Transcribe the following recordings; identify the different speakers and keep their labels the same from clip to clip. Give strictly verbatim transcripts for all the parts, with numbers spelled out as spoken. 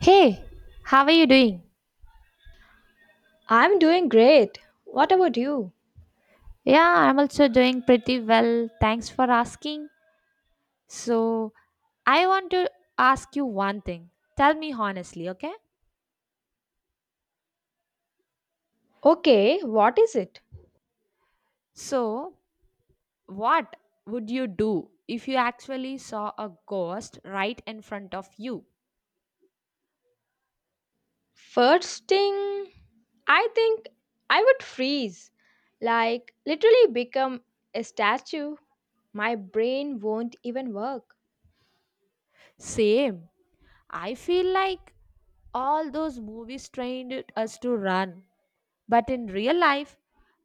Speaker 1: Hey, how are you doing?
Speaker 2: I'm doing great. What about you?
Speaker 1: Yeah, I'm also doing pretty well. Thanks for asking. So, I want to ask you one thing. Tell me honestly, okay?
Speaker 2: Okay, what is it?
Speaker 1: So, what would you do if you actually saw a ghost right in front of you?
Speaker 2: First thing, I think I would freeze. Like, literally become a statue. My brain won't even work.
Speaker 1: Same. I feel like all those movies trained us to run. But in real life,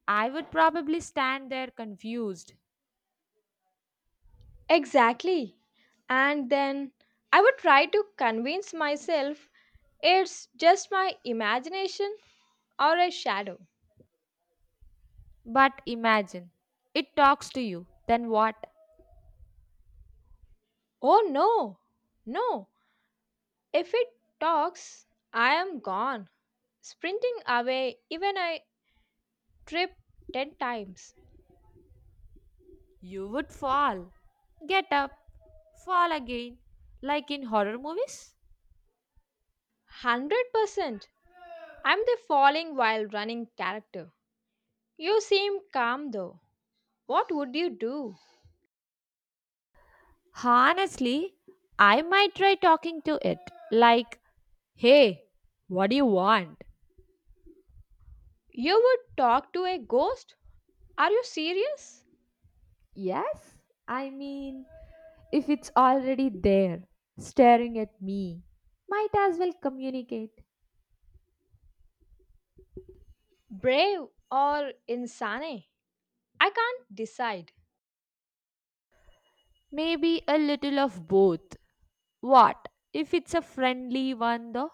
Speaker 1: I would probably stand there confused.
Speaker 2: Exactly. And then I would try to convince myself it's just my imagination or a shadow.
Speaker 1: But imagine it talks to you, then what?
Speaker 2: Oh no, no. If it talks, I am gone. Sprinting away, even I trip ten times.
Speaker 1: You would fall. Get up, fall again, like in horror movies.
Speaker 2: one hundred percent! I'm the falling while running character. You seem calm though. What would you do?
Speaker 1: Honestly, I might try talking to it, like, hey, what do you want?
Speaker 2: You would talk to a ghost? Are you serious?
Speaker 1: Yes, I mean, if it's already there, staring at me, might as well communicate.
Speaker 2: Brave or insane? I can't decide.
Speaker 1: Maybe a little of both. What if it's a friendly one though?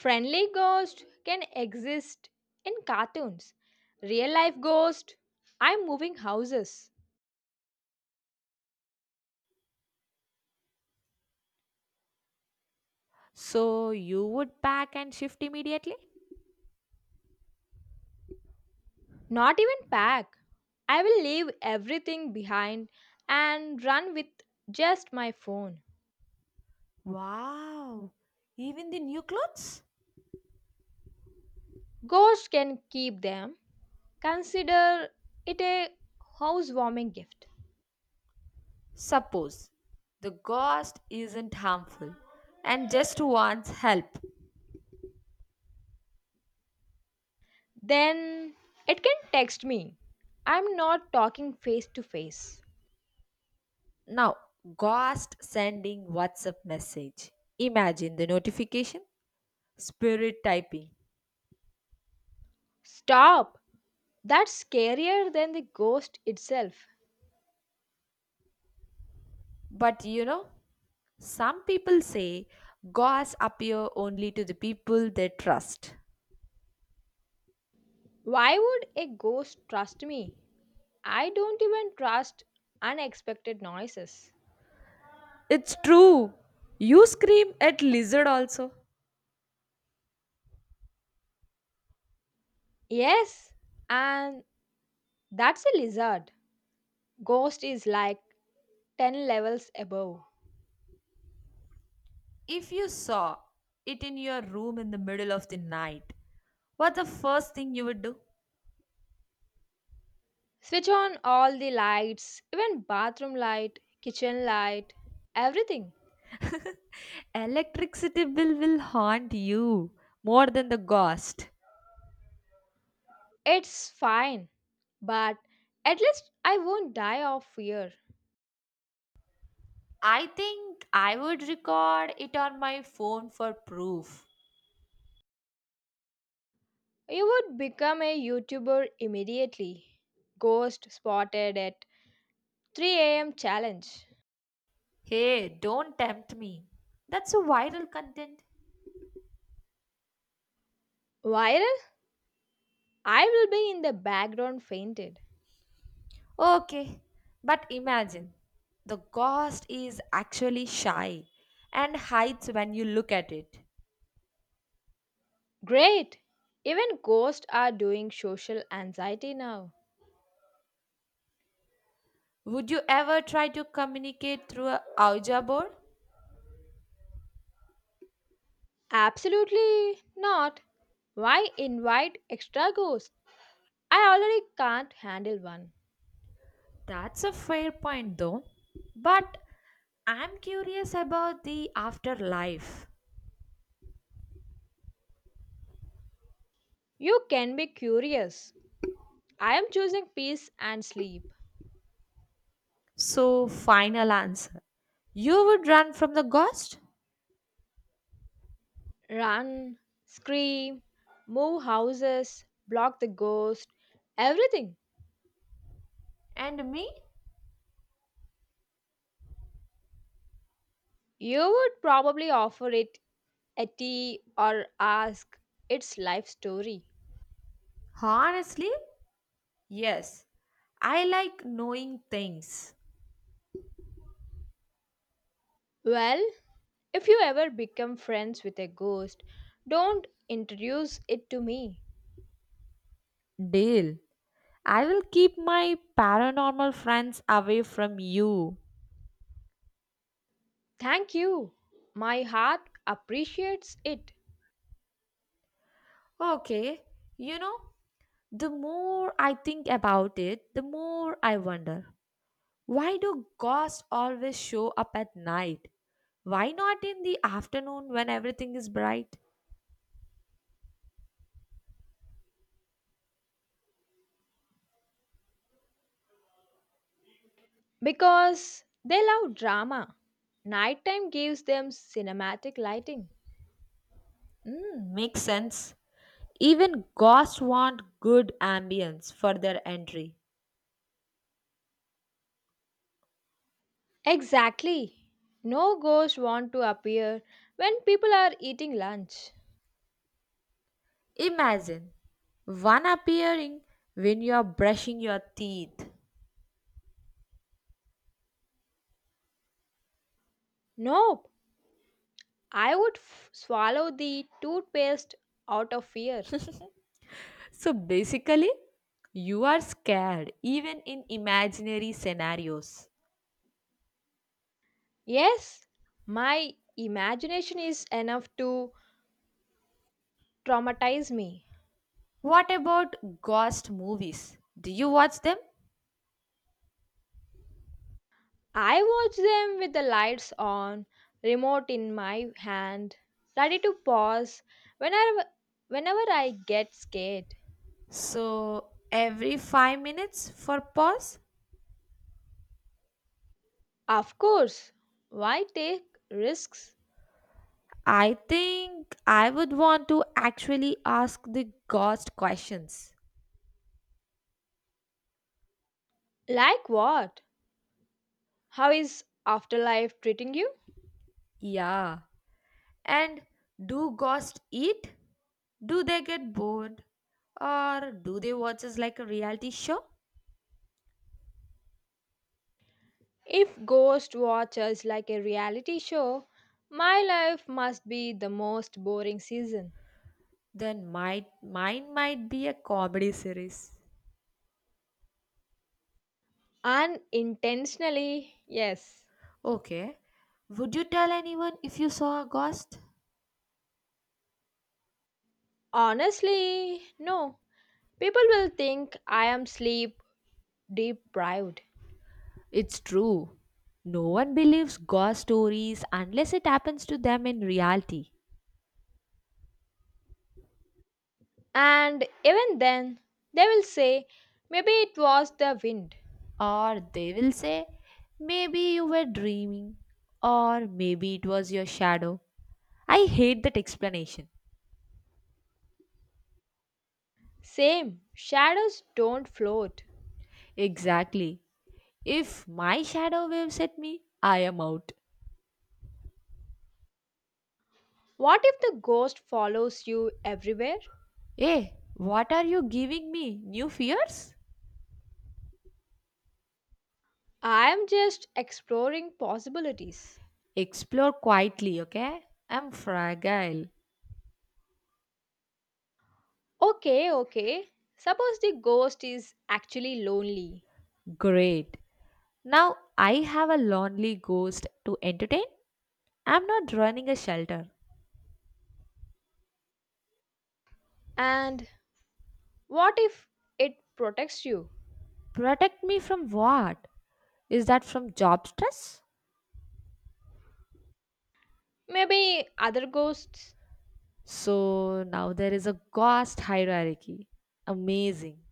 Speaker 2: Friendly ghost can exist in cartoons. Real life ghost? I'm moving houses.
Speaker 1: So you would pack and shift immediately?
Speaker 2: Not even pack. I will leave everything behind and run with just my phone.
Speaker 1: Wow, even the new clothes?
Speaker 2: Ghosts can keep them. Consider it a housewarming gift.
Speaker 1: Suppose the ghost isn't harmful and just wants help.
Speaker 2: Then it can text me. I'm not talking face to face.
Speaker 1: Now, ghost sending WhatsApp message. Imagine the notification, spirit typing.
Speaker 2: Stop! That's scarier than the ghost itself.
Speaker 1: But you know, some people say ghosts appear only to the people they trust.
Speaker 2: Why would a ghost trust me? I don't even trust unexpected noises.
Speaker 1: It's true. You scream at lizard also.
Speaker 2: Yes, and that's a lizard. Ghost is like ten levels above.
Speaker 1: If you saw it in your room in the middle of the night, what's the first thing you would do?
Speaker 2: Switch on all the lights, even bathroom light, kitchen light, everything.
Speaker 1: Electricity bill will haunt you more than the ghost.
Speaker 2: It's fine, but at least I won't die of fear.
Speaker 1: I think I would record it on my phone for proof.
Speaker 2: You would become a YouTuber immediately. Ghost spotted at three a m challenge.
Speaker 1: Hey, don't tempt me. That's a viral content.
Speaker 2: Viral? I will be in the background fainted.
Speaker 1: Okay, but imagine the ghost is actually shy and hides when you look at it.
Speaker 2: Great! Even ghosts are doing social anxiety now.
Speaker 1: Would you ever try to communicate through a Ouija board?
Speaker 2: Absolutely not. Why invite extra ghosts? I already can't handle one.
Speaker 1: That's a fair point, though. But I'm curious about the afterlife.
Speaker 2: You can be curious. I am choosing peace and sleep.
Speaker 1: So, final answer. You would run from the ghost?
Speaker 2: Run, scream, move houses, block the ghost, everything.
Speaker 1: And me?
Speaker 2: You would probably offer it a tea or ask its life story.
Speaker 1: Honestly, yes. I like knowing things.
Speaker 2: Well, if you ever become friends with a ghost, don't introduce it to me.
Speaker 1: Deal. I will keep my paranormal friends away from you.
Speaker 2: Thank you. My heart appreciates it
Speaker 1: Okay. You know, the more I think about it, the more I wonder. Why do ghosts always show up at night? Why not in the afternoon when everything is bright?
Speaker 2: because they love drama. Nighttime gives them cinematic lighting.
Speaker 1: Mm, makes sense. Even ghosts want good ambience for their entry.
Speaker 2: Exactly. No ghosts want to appear when people are eating lunch.
Speaker 1: Imagine one appearing when you are brushing your teeth.
Speaker 2: Nope. I would f- swallow the toothpaste out of fear.
Speaker 1: So basically, you are scared even in imaginary scenarios.
Speaker 2: Yes, my imagination is enough to traumatize me.
Speaker 1: What about ghost movies? Do you watch them?
Speaker 2: I watch them with the lights on, remote in my hand, ready to pause whenever whenever I get scared.
Speaker 1: So every five minutes for pause?
Speaker 2: Of course, why take risks?
Speaker 1: I think I would want to actually ask the ghost questions.
Speaker 2: Like what? How is afterlife treating you?
Speaker 1: Yeah. And do ghosts eat? Do they get bored? Or do they watch us like a reality show?
Speaker 2: If Ghost Watch like a reality show, my life must be the most boring season.
Speaker 1: Then might mine might be a comedy series.
Speaker 2: Unintentionally, yes.
Speaker 1: Okay. Would you tell anyone if you saw a ghost?
Speaker 2: Honestly, no. People will think I am sleep deprived.
Speaker 1: It's true. No one believes ghost stories unless it happens to them in reality.
Speaker 2: And even then, they will say, maybe it was the wind.
Speaker 1: Or they will say, maybe you were dreaming, or maybe it was your shadow. I hate that explanation.
Speaker 2: Same, shadows don't float.
Speaker 1: Exactly. If my shadow waves at me, I am out.
Speaker 2: What if the ghost follows you everywhere?
Speaker 1: Hey, what are you giving me? New fears?
Speaker 2: I am just exploring possibilities.
Speaker 1: Explore quietly, okay? I'm fragile.
Speaker 2: Okay, okay. Suppose the ghost is actually lonely.
Speaker 1: Great. Now I have a lonely ghost to entertain. I'm not running a shelter.
Speaker 2: And what if it protects you?
Speaker 1: Protect me from what? Is that from job stress?
Speaker 2: Maybe other ghosts.
Speaker 1: So now there is a ghost hierarchy. Amazing.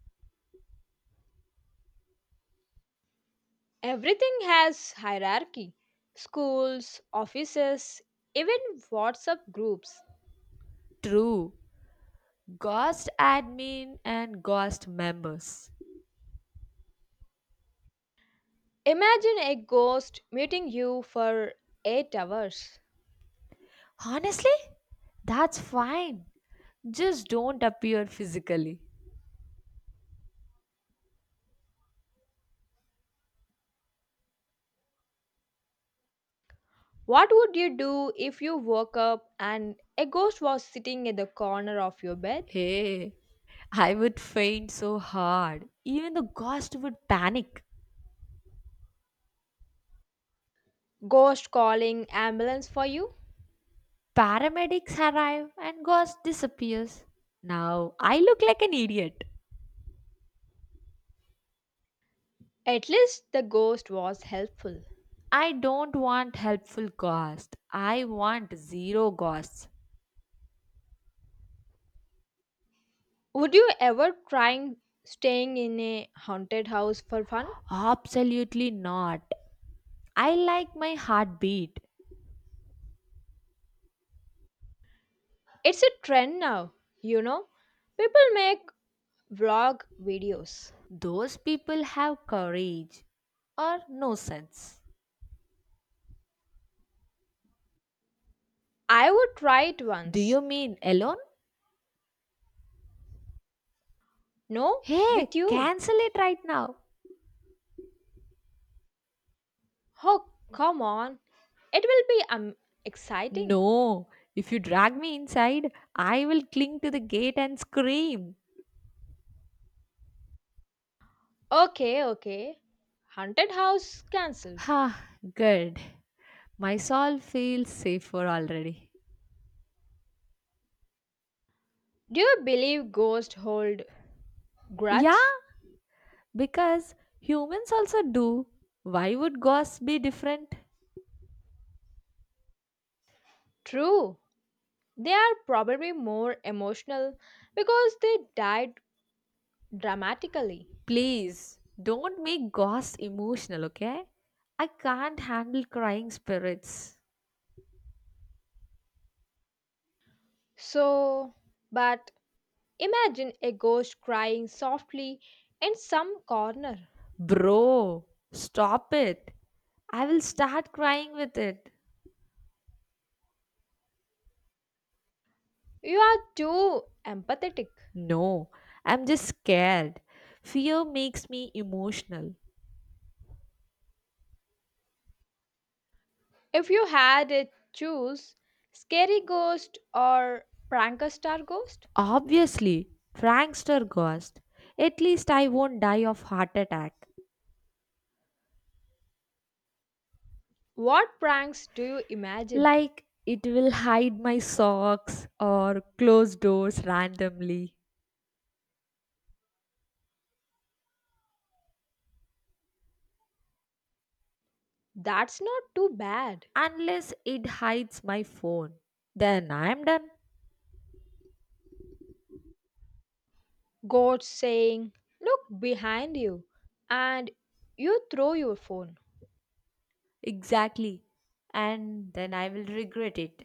Speaker 2: Everything has hierarchy schools, offices, even WhatsApp groups.
Speaker 1: True. Ghost admin and ghost members.
Speaker 2: Imagine a ghost meeting you for eight hours.
Speaker 1: Honestly, that's fine. Just don't appear physically.
Speaker 2: What would you do if you woke up and a ghost was sitting at the corner of your bed?
Speaker 1: Hey, I would faint so hard. Even the ghost would panic.
Speaker 2: Ghost calling ambulance for you?
Speaker 1: Paramedics arrive and ghost disappears. Now I look like an idiot.
Speaker 2: At least the ghost was helpful.
Speaker 1: I don't want helpful ghost. I want zero ghosts.
Speaker 2: Would you ever try staying in a haunted house for fun?
Speaker 1: Absolutely not. I like my heartbeat.
Speaker 2: It's a trend now, you know. People make Vlog videos.
Speaker 1: Those people have courage or no sense.
Speaker 2: I would try it
Speaker 1: Do
Speaker 2: once.
Speaker 1: you mean alone?
Speaker 2: No,
Speaker 1: Hey,
Speaker 2: with you.
Speaker 1: cancel it right now.
Speaker 2: Oh, come on. It will be um, exciting.
Speaker 1: No, if you drag me inside, I will cling to the gate and scream.
Speaker 2: Okay, okay. Haunted house cancelled.
Speaker 1: Ha, good. My soul feels safer already.
Speaker 2: Do you believe ghosts hold
Speaker 1: Yeah,
Speaker 2: grudge?
Speaker 1: because humans also do. Why would ghosts be different?
Speaker 2: True. They are probably more emotional because they died dramatically.
Speaker 1: Please don't make ghosts emotional, okay? I can't handle crying spirits.
Speaker 2: So, but imagine a ghost crying softly in some corner.
Speaker 1: Bro, stop it. I will start crying with it.
Speaker 2: You are too empathetic.
Speaker 1: No, I'm just scared. Fear makes me emotional.
Speaker 2: If you had it choose scary ghost or pranker star ghost,
Speaker 1: Obviously, prankster ghost. At least I won't die of heart attack.
Speaker 2: what pranks do you imagine?
Speaker 1: Like it will hide my socks or close doors randomly.
Speaker 2: That's not too bad.
Speaker 1: Unless it hides my phone. Then I'm done.
Speaker 2: Ghost saying, "Look behind you," and you throw your phone.
Speaker 1: Exactly. And then I will regret it.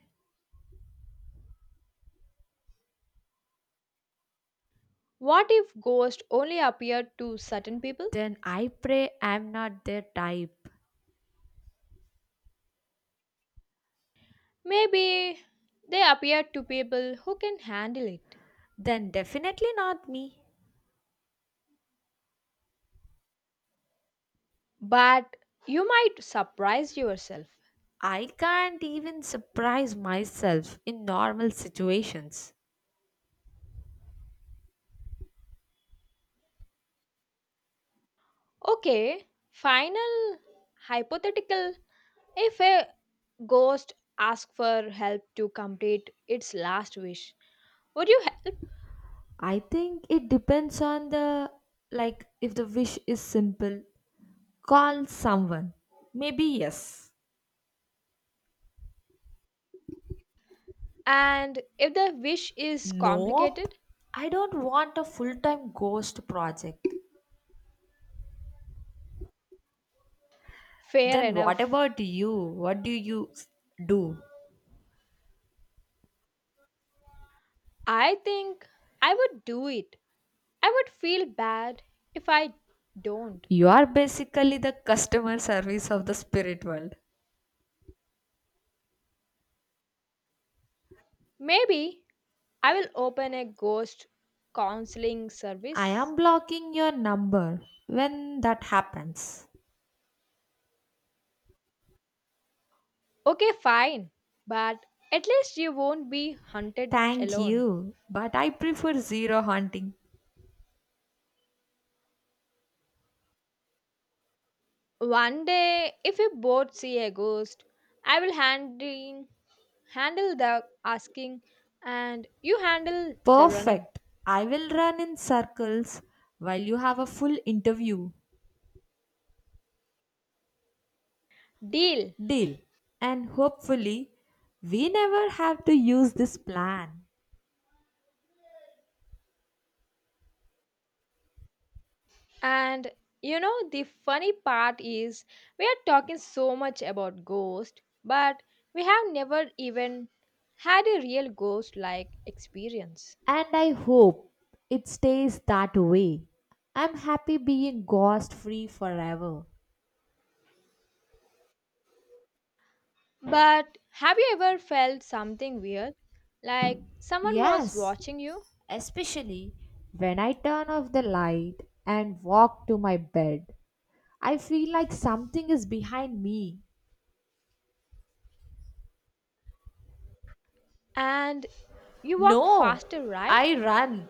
Speaker 2: What if ghosts only appeared to certain people?
Speaker 1: Then I pray I'm not their type.
Speaker 2: Maybe they appear to people who can handle it.
Speaker 1: Then definitely not me.
Speaker 2: But you might surprise yourself.
Speaker 1: I can't even surprise myself in normal situations.
Speaker 2: Okay, final hypothetical if a Ghost asks for help to complete its last wish. Would you help?
Speaker 1: I think it depends on the like if the wish is simple, call someone. Maybe yes.
Speaker 2: And if the wish is
Speaker 1: Nope.
Speaker 2: complicated,
Speaker 1: I don't want a full time ghost project.
Speaker 2: fair
Speaker 1: Then what
Speaker 2: enough.
Speaker 1: about you? What do you s- do?
Speaker 2: I think I would do it. I would feel bad if I don't.
Speaker 1: You are basically the customer service of the spirit world.
Speaker 2: Maybe I will open a ghost counseling
Speaker 1: I
Speaker 2: service.
Speaker 1: am blocking your number when that happens.
Speaker 2: Okay, fine. But at least you won't be hunted
Speaker 1: Thank
Speaker 2: alone.
Speaker 1: you, but I prefer zero hunting.
Speaker 2: One day, if we both see a ghost, I will handling, handle the asking and you handle the running.
Speaker 1: Perfect. I will run in circles while you have a full interview.
Speaker 2: Deal.
Speaker 1: Deal. And hopefully, we never have to use this plan.
Speaker 2: And you know, the funny part is we are talking so much about ghost, but we have never even had a real ghost like experience.
Speaker 1: And I hope it stays that way. I'm happy being ghost free forever.
Speaker 2: But have you ever felt something weird? Like someone was
Speaker 1: Yes,
Speaker 2: watching you
Speaker 1: especially when I turn off the light and walk to my bed. I feel like something is behind me.
Speaker 2: and you walk
Speaker 1: No,
Speaker 2: faster,
Speaker 1: I
Speaker 2: right?
Speaker 1: run.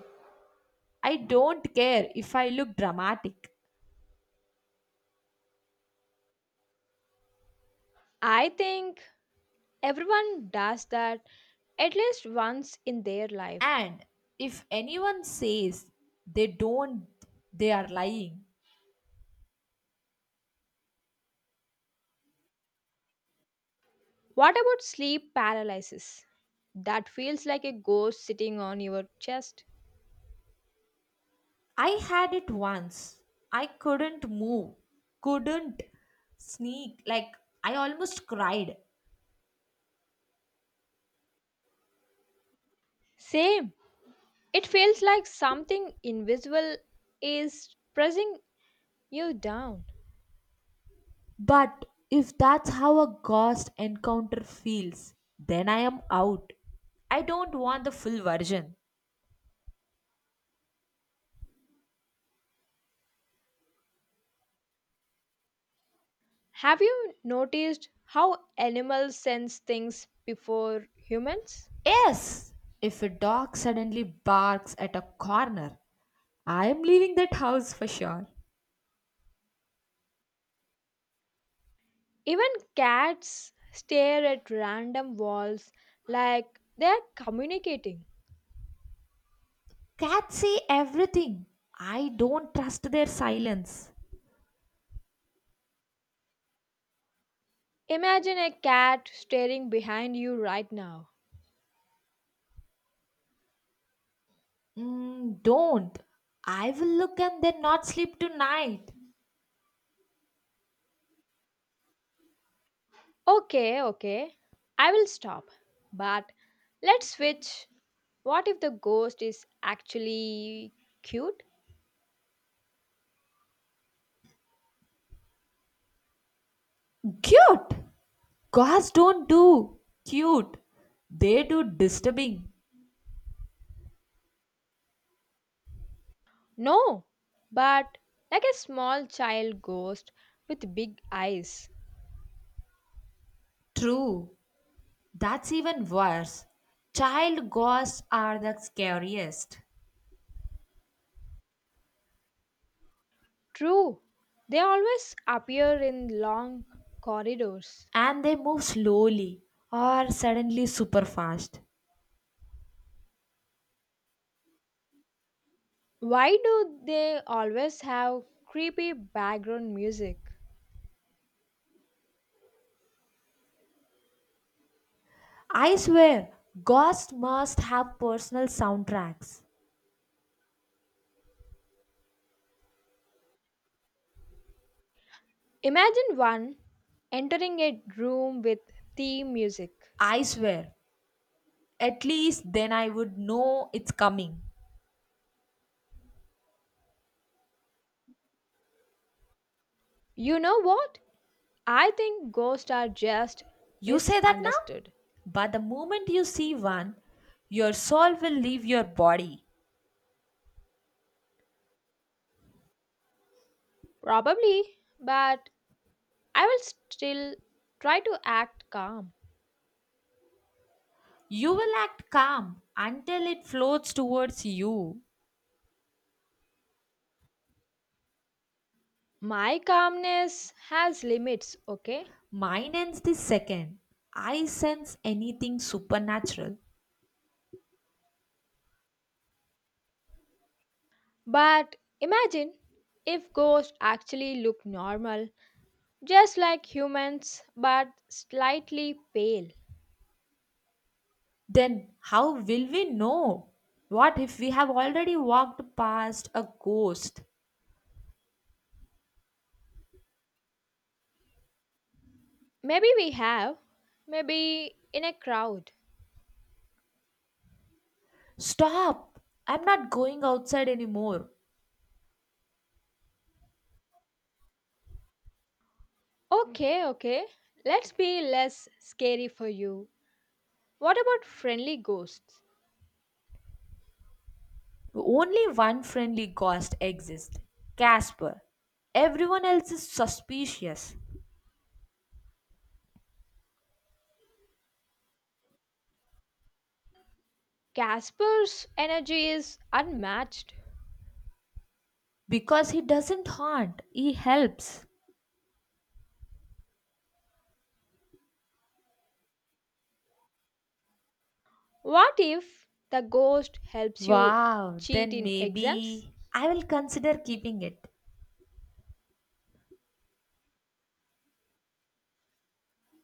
Speaker 1: I don't care if I look dramatic.
Speaker 2: I think everyone does that at least once in their life.
Speaker 1: And if anyone says they don't, they are lying.
Speaker 2: What about sleep paralysis? That feels like a ghost sitting on your chest.
Speaker 1: I had it once. I couldn't move, couldn't sneak. Like, I almost cried.
Speaker 2: Same. It feels like something invisible is pressing you down.
Speaker 1: But if that's how a ghost encounter feels, then I am out. I don't want the full version.
Speaker 2: Have you noticed how animals sense things before humans?
Speaker 1: Yes! If a dog suddenly barks at a corner, I am leaving that house for sure.
Speaker 2: Even cats stare at random walls like they are communicating.
Speaker 1: Cats say everything. I don't trust their silence.
Speaker 2: Imagine a cat staring behind you right now.
Speaker 1: Mm, don't. I will look and then not sleep tonight.
Speaker 2: Okay, okay, I will stop. But let's switch. What if the ghost is actually cute?
Speaker 1: Cute! Gods don't do cute. They do disturbing.
Speaker 2: No, but like a small child ghost with big eyes.
Speaker 1: True. That's even worse. Child ghosts are the scariest.
Speaker 2: True, they always appear in long corridors.
Speaker 1: And they move slowly or suddenly super fast.
Speaker 2: Why do they always have creepy background music?
Speaker 1: I swear, ghosts must have personal soundtracks.
Speaker 2: Imagine one entering a room with theme music.
Speaker 1: I swear, at least then I would know it's coming.
Speaker 2: You know what? I think ghosts are just
Speaker 1: You say that now?
Speaker 2: misunderstood.
Speaker 1: But the moment you see one, your soul will leave your body.
Speaker 2: Probably, but I will still try to act calm.
Speaker 1: You will act calm until it floats towards you.
Speaker 2: My calmness has limits, okay?
Speaker 1: Mine ends the second. I sense anything supernatural.
Speaker 2: But imagine if ghosts actually look normal, just like humans, but slightly pale.
Speaker 1: Then how will we know? What if we have already walked past a ghost?
Speaker 2: Maybe we have, maybe in a crowd.
Speaker 1: Stop! I'm not going outside anymore.
Speaker 2: Okay, okay. Let's be less scary for you. What about friendly ghosts?
Speaker 1: Only one friendly ghost exists Casper. Everyone else is suspicious.
Speaker 2: Casper's energy is unmatched.
Speaker 1: Because he doesn't haunt, he helps.
Speaker 2: What if the ghost helps you
Speaker 1: Wow,
Speaker 2: cheat
Speaker 1: then
Speaker 2: in exams?
Speaker 1: maybe I will consider keeping it.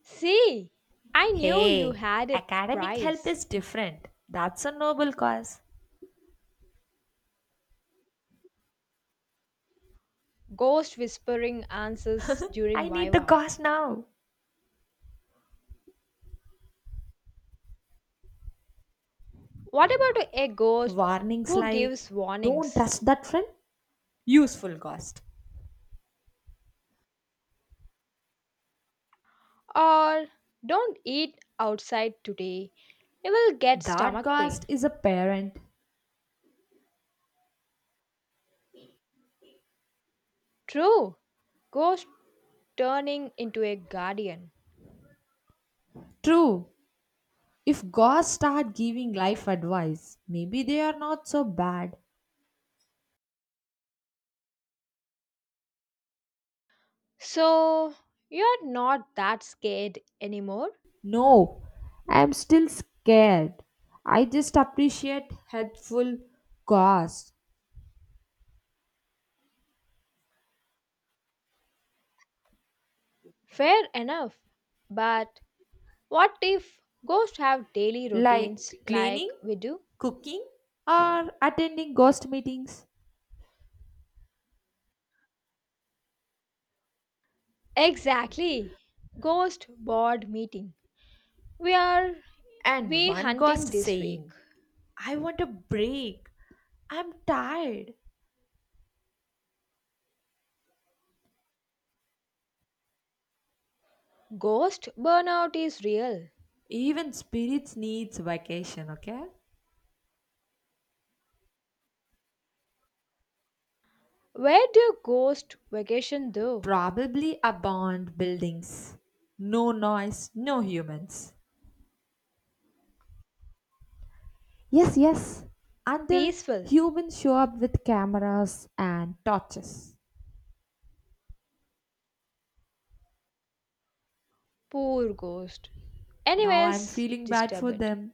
Speaker 2: See, I knew you
Speaker 1: Hey,
Speaker 2: had a
Speaker 1: academic help
Speaker 2: prize.
Speaker 1: is different. That's a noble cause.
Speaker 2: Ghost whispering answers during
Speaker 1: I need the
Speaker 2: Viva.
Speaker 1: ghost now.
Speaker 2: What about a ghost
Speaker 1: Warnings
Speaker 2: who
Speaker 1: like
Speaker 2: gives
Speaker 1: don't
Speaker 2: warnings?
Speaker 1: trust that friend, useful ghost.
Speaker 2: Or don't eat outside today, you will get
Speaker 1: That
Speaker 2: stomach
Speaker 1: ghost
Speaker 2: pain.
Speaker 1: is a parent.
Speaker 2: True, ghost turning into a guardian.
Speaker 1: True, if gods start giving life advice, maybe they are not so bad.
Speaker 2: So, you're not that scared anymore?
Speaker 1: No, I am still scared. I just appreciate helpful gods
Speaker 2: Fair enough. But what if ghosts have daily
Speaker 1: like
Speaker 2: routines like
Speaker 1: cleaning,
Speaker 2: we do?
Speaker 1: cooking, or attending ghost meetings.
Speaker 2: Exactly. Ghost board meeting. We are
Speaker 1: And
Speaker 2: we
Speaker 1: one ghost
Speaker 2: hunting this week.
Speaker 1: saying, I want a break. I'm tired.
Speaker 2: Ghost burnout is real.
Speaker 1: Even spirits needs vacation, okay?
Speaker 2: Where do ghost vacation though?
Speaker 1: Probably abandoned buildings. No noise, no humans. Yes, yes. Until
Speaker 2: Peaceful.
Speaker 1: humans show up with cameras and torches.
Speaker 2: Poor ghost.
Speaker 1: Now I'm
Speaker 2: Anyways,
Speaker 1: feeling bad for
Speaker 2: disturbed.
Speaker 1: them.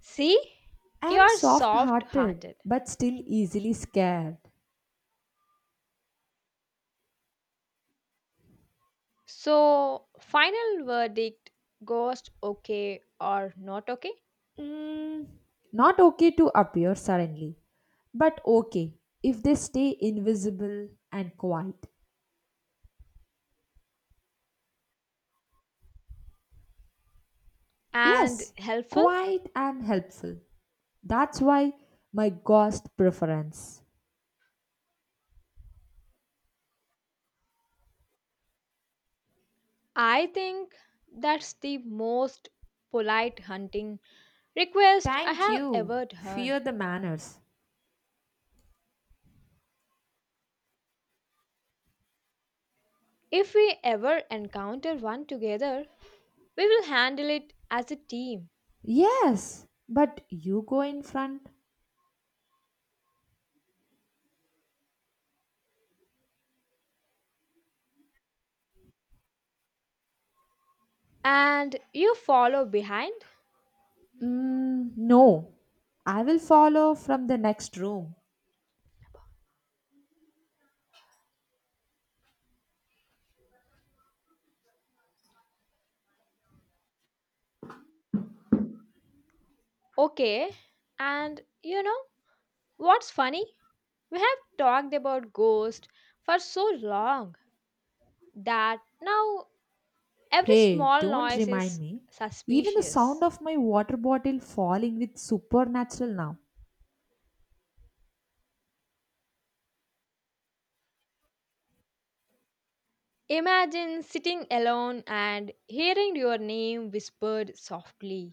Speaker 2: See,
Speaker 1: I am
Speaker 2: you're
Speaker 1: soft
Speaker 2: soft
Speaker 1: hearted
Speaker 2: hearted.
Speaker 1: but still easily scared.
Speaker 2: So, final verdict ghost okay or not okay?
Speaker 1: Mm, not okay to appear suddenly, but okay if they stay invisible and quiet.
Speaker 2: And
Speaker 1: Yes,
Speaker 2: helpful?
Speaker 1: quiet and helpful. That's why my ghost preference.
Speaker 2: I think that's the most polite hunting request I
Speaker 1: Thank
Speaker 2: have
Speaker 1: you.
Speaker 2: ever
Speaker 1: Fear
Speaker 2: heard.
Speaker 1: the manners.
Speaker 2: If we ever encounter one together, we will handle it as a team.
Speaker 1: Yes, but you go in front.
Speaker 2: And you follow behind?
Speaker 1: Mm, no, I will follow from the next room.
Speaker 2: Okay. And you know, what's funny? We have talked about ghosts for so long that now every
Speaker 1: Hey,
Speaker 2: small
Speaker 1: don't
Speaker 2: noise
Speaker 1: remind
Speaker 2: is
Speaker 1: me. Even the sound
Speaker 2: suspicious.
Speaker 1: of my water bottle falling with supernatural now.
Speaker 2: Imagine sitting alone and hearing your name whispered softly.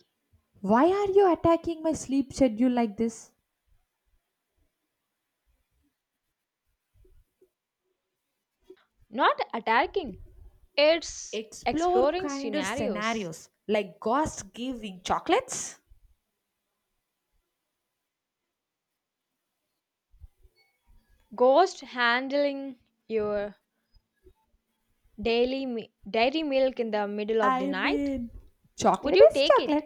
Speaker 1: Why are you attacking my sleep schedule like this?
Speaker 2: Not attacking, it's
Speaker 1: Explore
Speaker 2: exploring
Speaker 1: kinder
Speaker 2: scenarios.
Speaker 1: scenarios like ghosts giving chocolates.
Speaker 2: Ghost handling your daily mi- dairy milk in the middle of the
Speaker 1: I
Speaker 2: night?
Speaker 1: mean,
Speaker 2: Would
Speaker 1: chocolate
Speaker 2: you
Speaker 1: is
Speaker 2: take it?
Speaker 1: chocolate.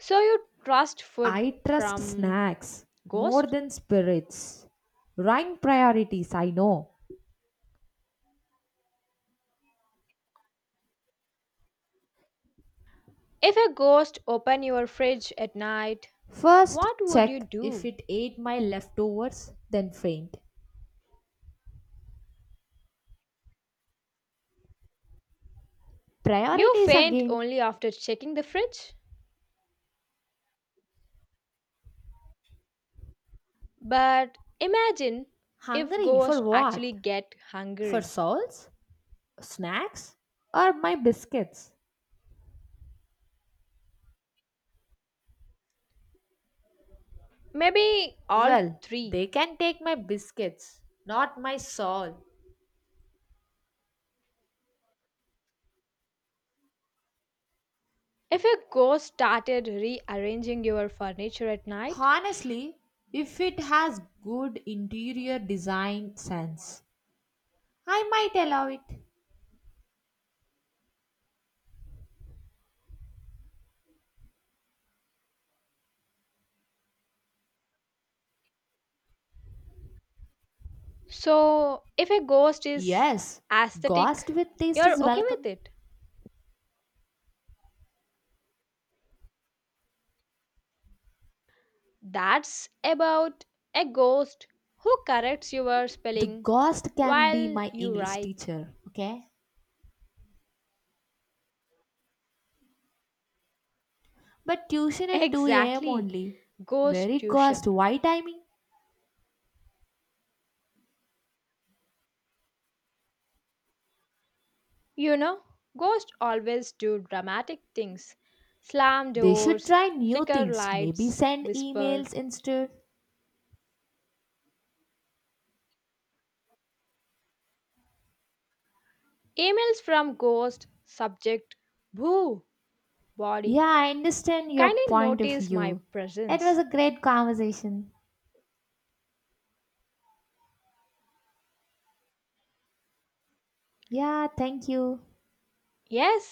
Speaker 2: So you trust food
Speaker 1: I trust
Speaker 2: from
Speaker 1: snacks more
Speaker 2: ghost?
Speaker 1: than spirits. Rank priorities, I know.
Speaker 2: If a ghost opened your fridge at night,
Speaker 1: First,
Speaker 2: what would you
Speaker 1: check if
Speaker 2: do?
Speaker 1: it ate my leftovers, then faint.
Speaker 2: You
Speaker 1: Priorities
Speaker 2: faint
Speaker 1: again.
Speaker 2: only after checking the fridge. But imagine if
Speaker 1: Hungry for
Speaker 2: ghosts
Speaker 1: what?
Speaker 2: actually get
Speaker 1: For
Speaker 2: hungry.
Speaker 1: souls? Snacks? Or my biscuits?
Speaker 2: Maybe all
Speaker 1: Well,
Speaker 2: three.
Speaker 1: they can take my biscuits, not my soul.
Speaker 2: If a ghost started rearranging your furniture at night.
Speaker 1: Honestly, if it has good interior design sense, I might allow it.
Speaker 2: So, if a ghost is
Speaker 1: Yes, ghost
Speaker 2: aesthetic,
Speaker 1: with taste
Speaker 2: you're
Speaker 1: is
Speaker 2: okay with
Speaker 1: welcome.
Speaker 2: it. That's about a ghost who corrects your
Speaker 1: The
Speaker 2: spelling
Speaker 1: ghost can be
Speaker 2: while
Speaker 1: my
Speaker 2: you
Speaker 1: English
Speaker 2: write.
Speaker 1: teacher, okay? But tuition at two a m
Speaker 2: Exactly,
Speaker 1: only.
Speaker 2: ghost
Speaker 1: Very cost.
Speaker 2: tuition.
Speaker 1: Why timing?
Speaker 2: You know, ghosts always do dramatic things slam
Speaker 1: They should
Speaker 2: doors,
Speaker 1: try new
Speaker 2: flicker
Speaker 1: things. Maybe
Speaker 2: lights,
Speaker 1: send
Speaker 2: whisper.
Speaker 1: emails instead.
Speaker 2: Emails from ghost, subject, boo, body,
Speaker 1: Yeah, I understand your
Speaker 2: kindly
Speaker 1: point of
Speaker 2: notice my
Speaker 1: view. It was
Speaker 2: presence.
Speaker 1: a great conversation. Yeah, thank you.
Speaker 2: Yes,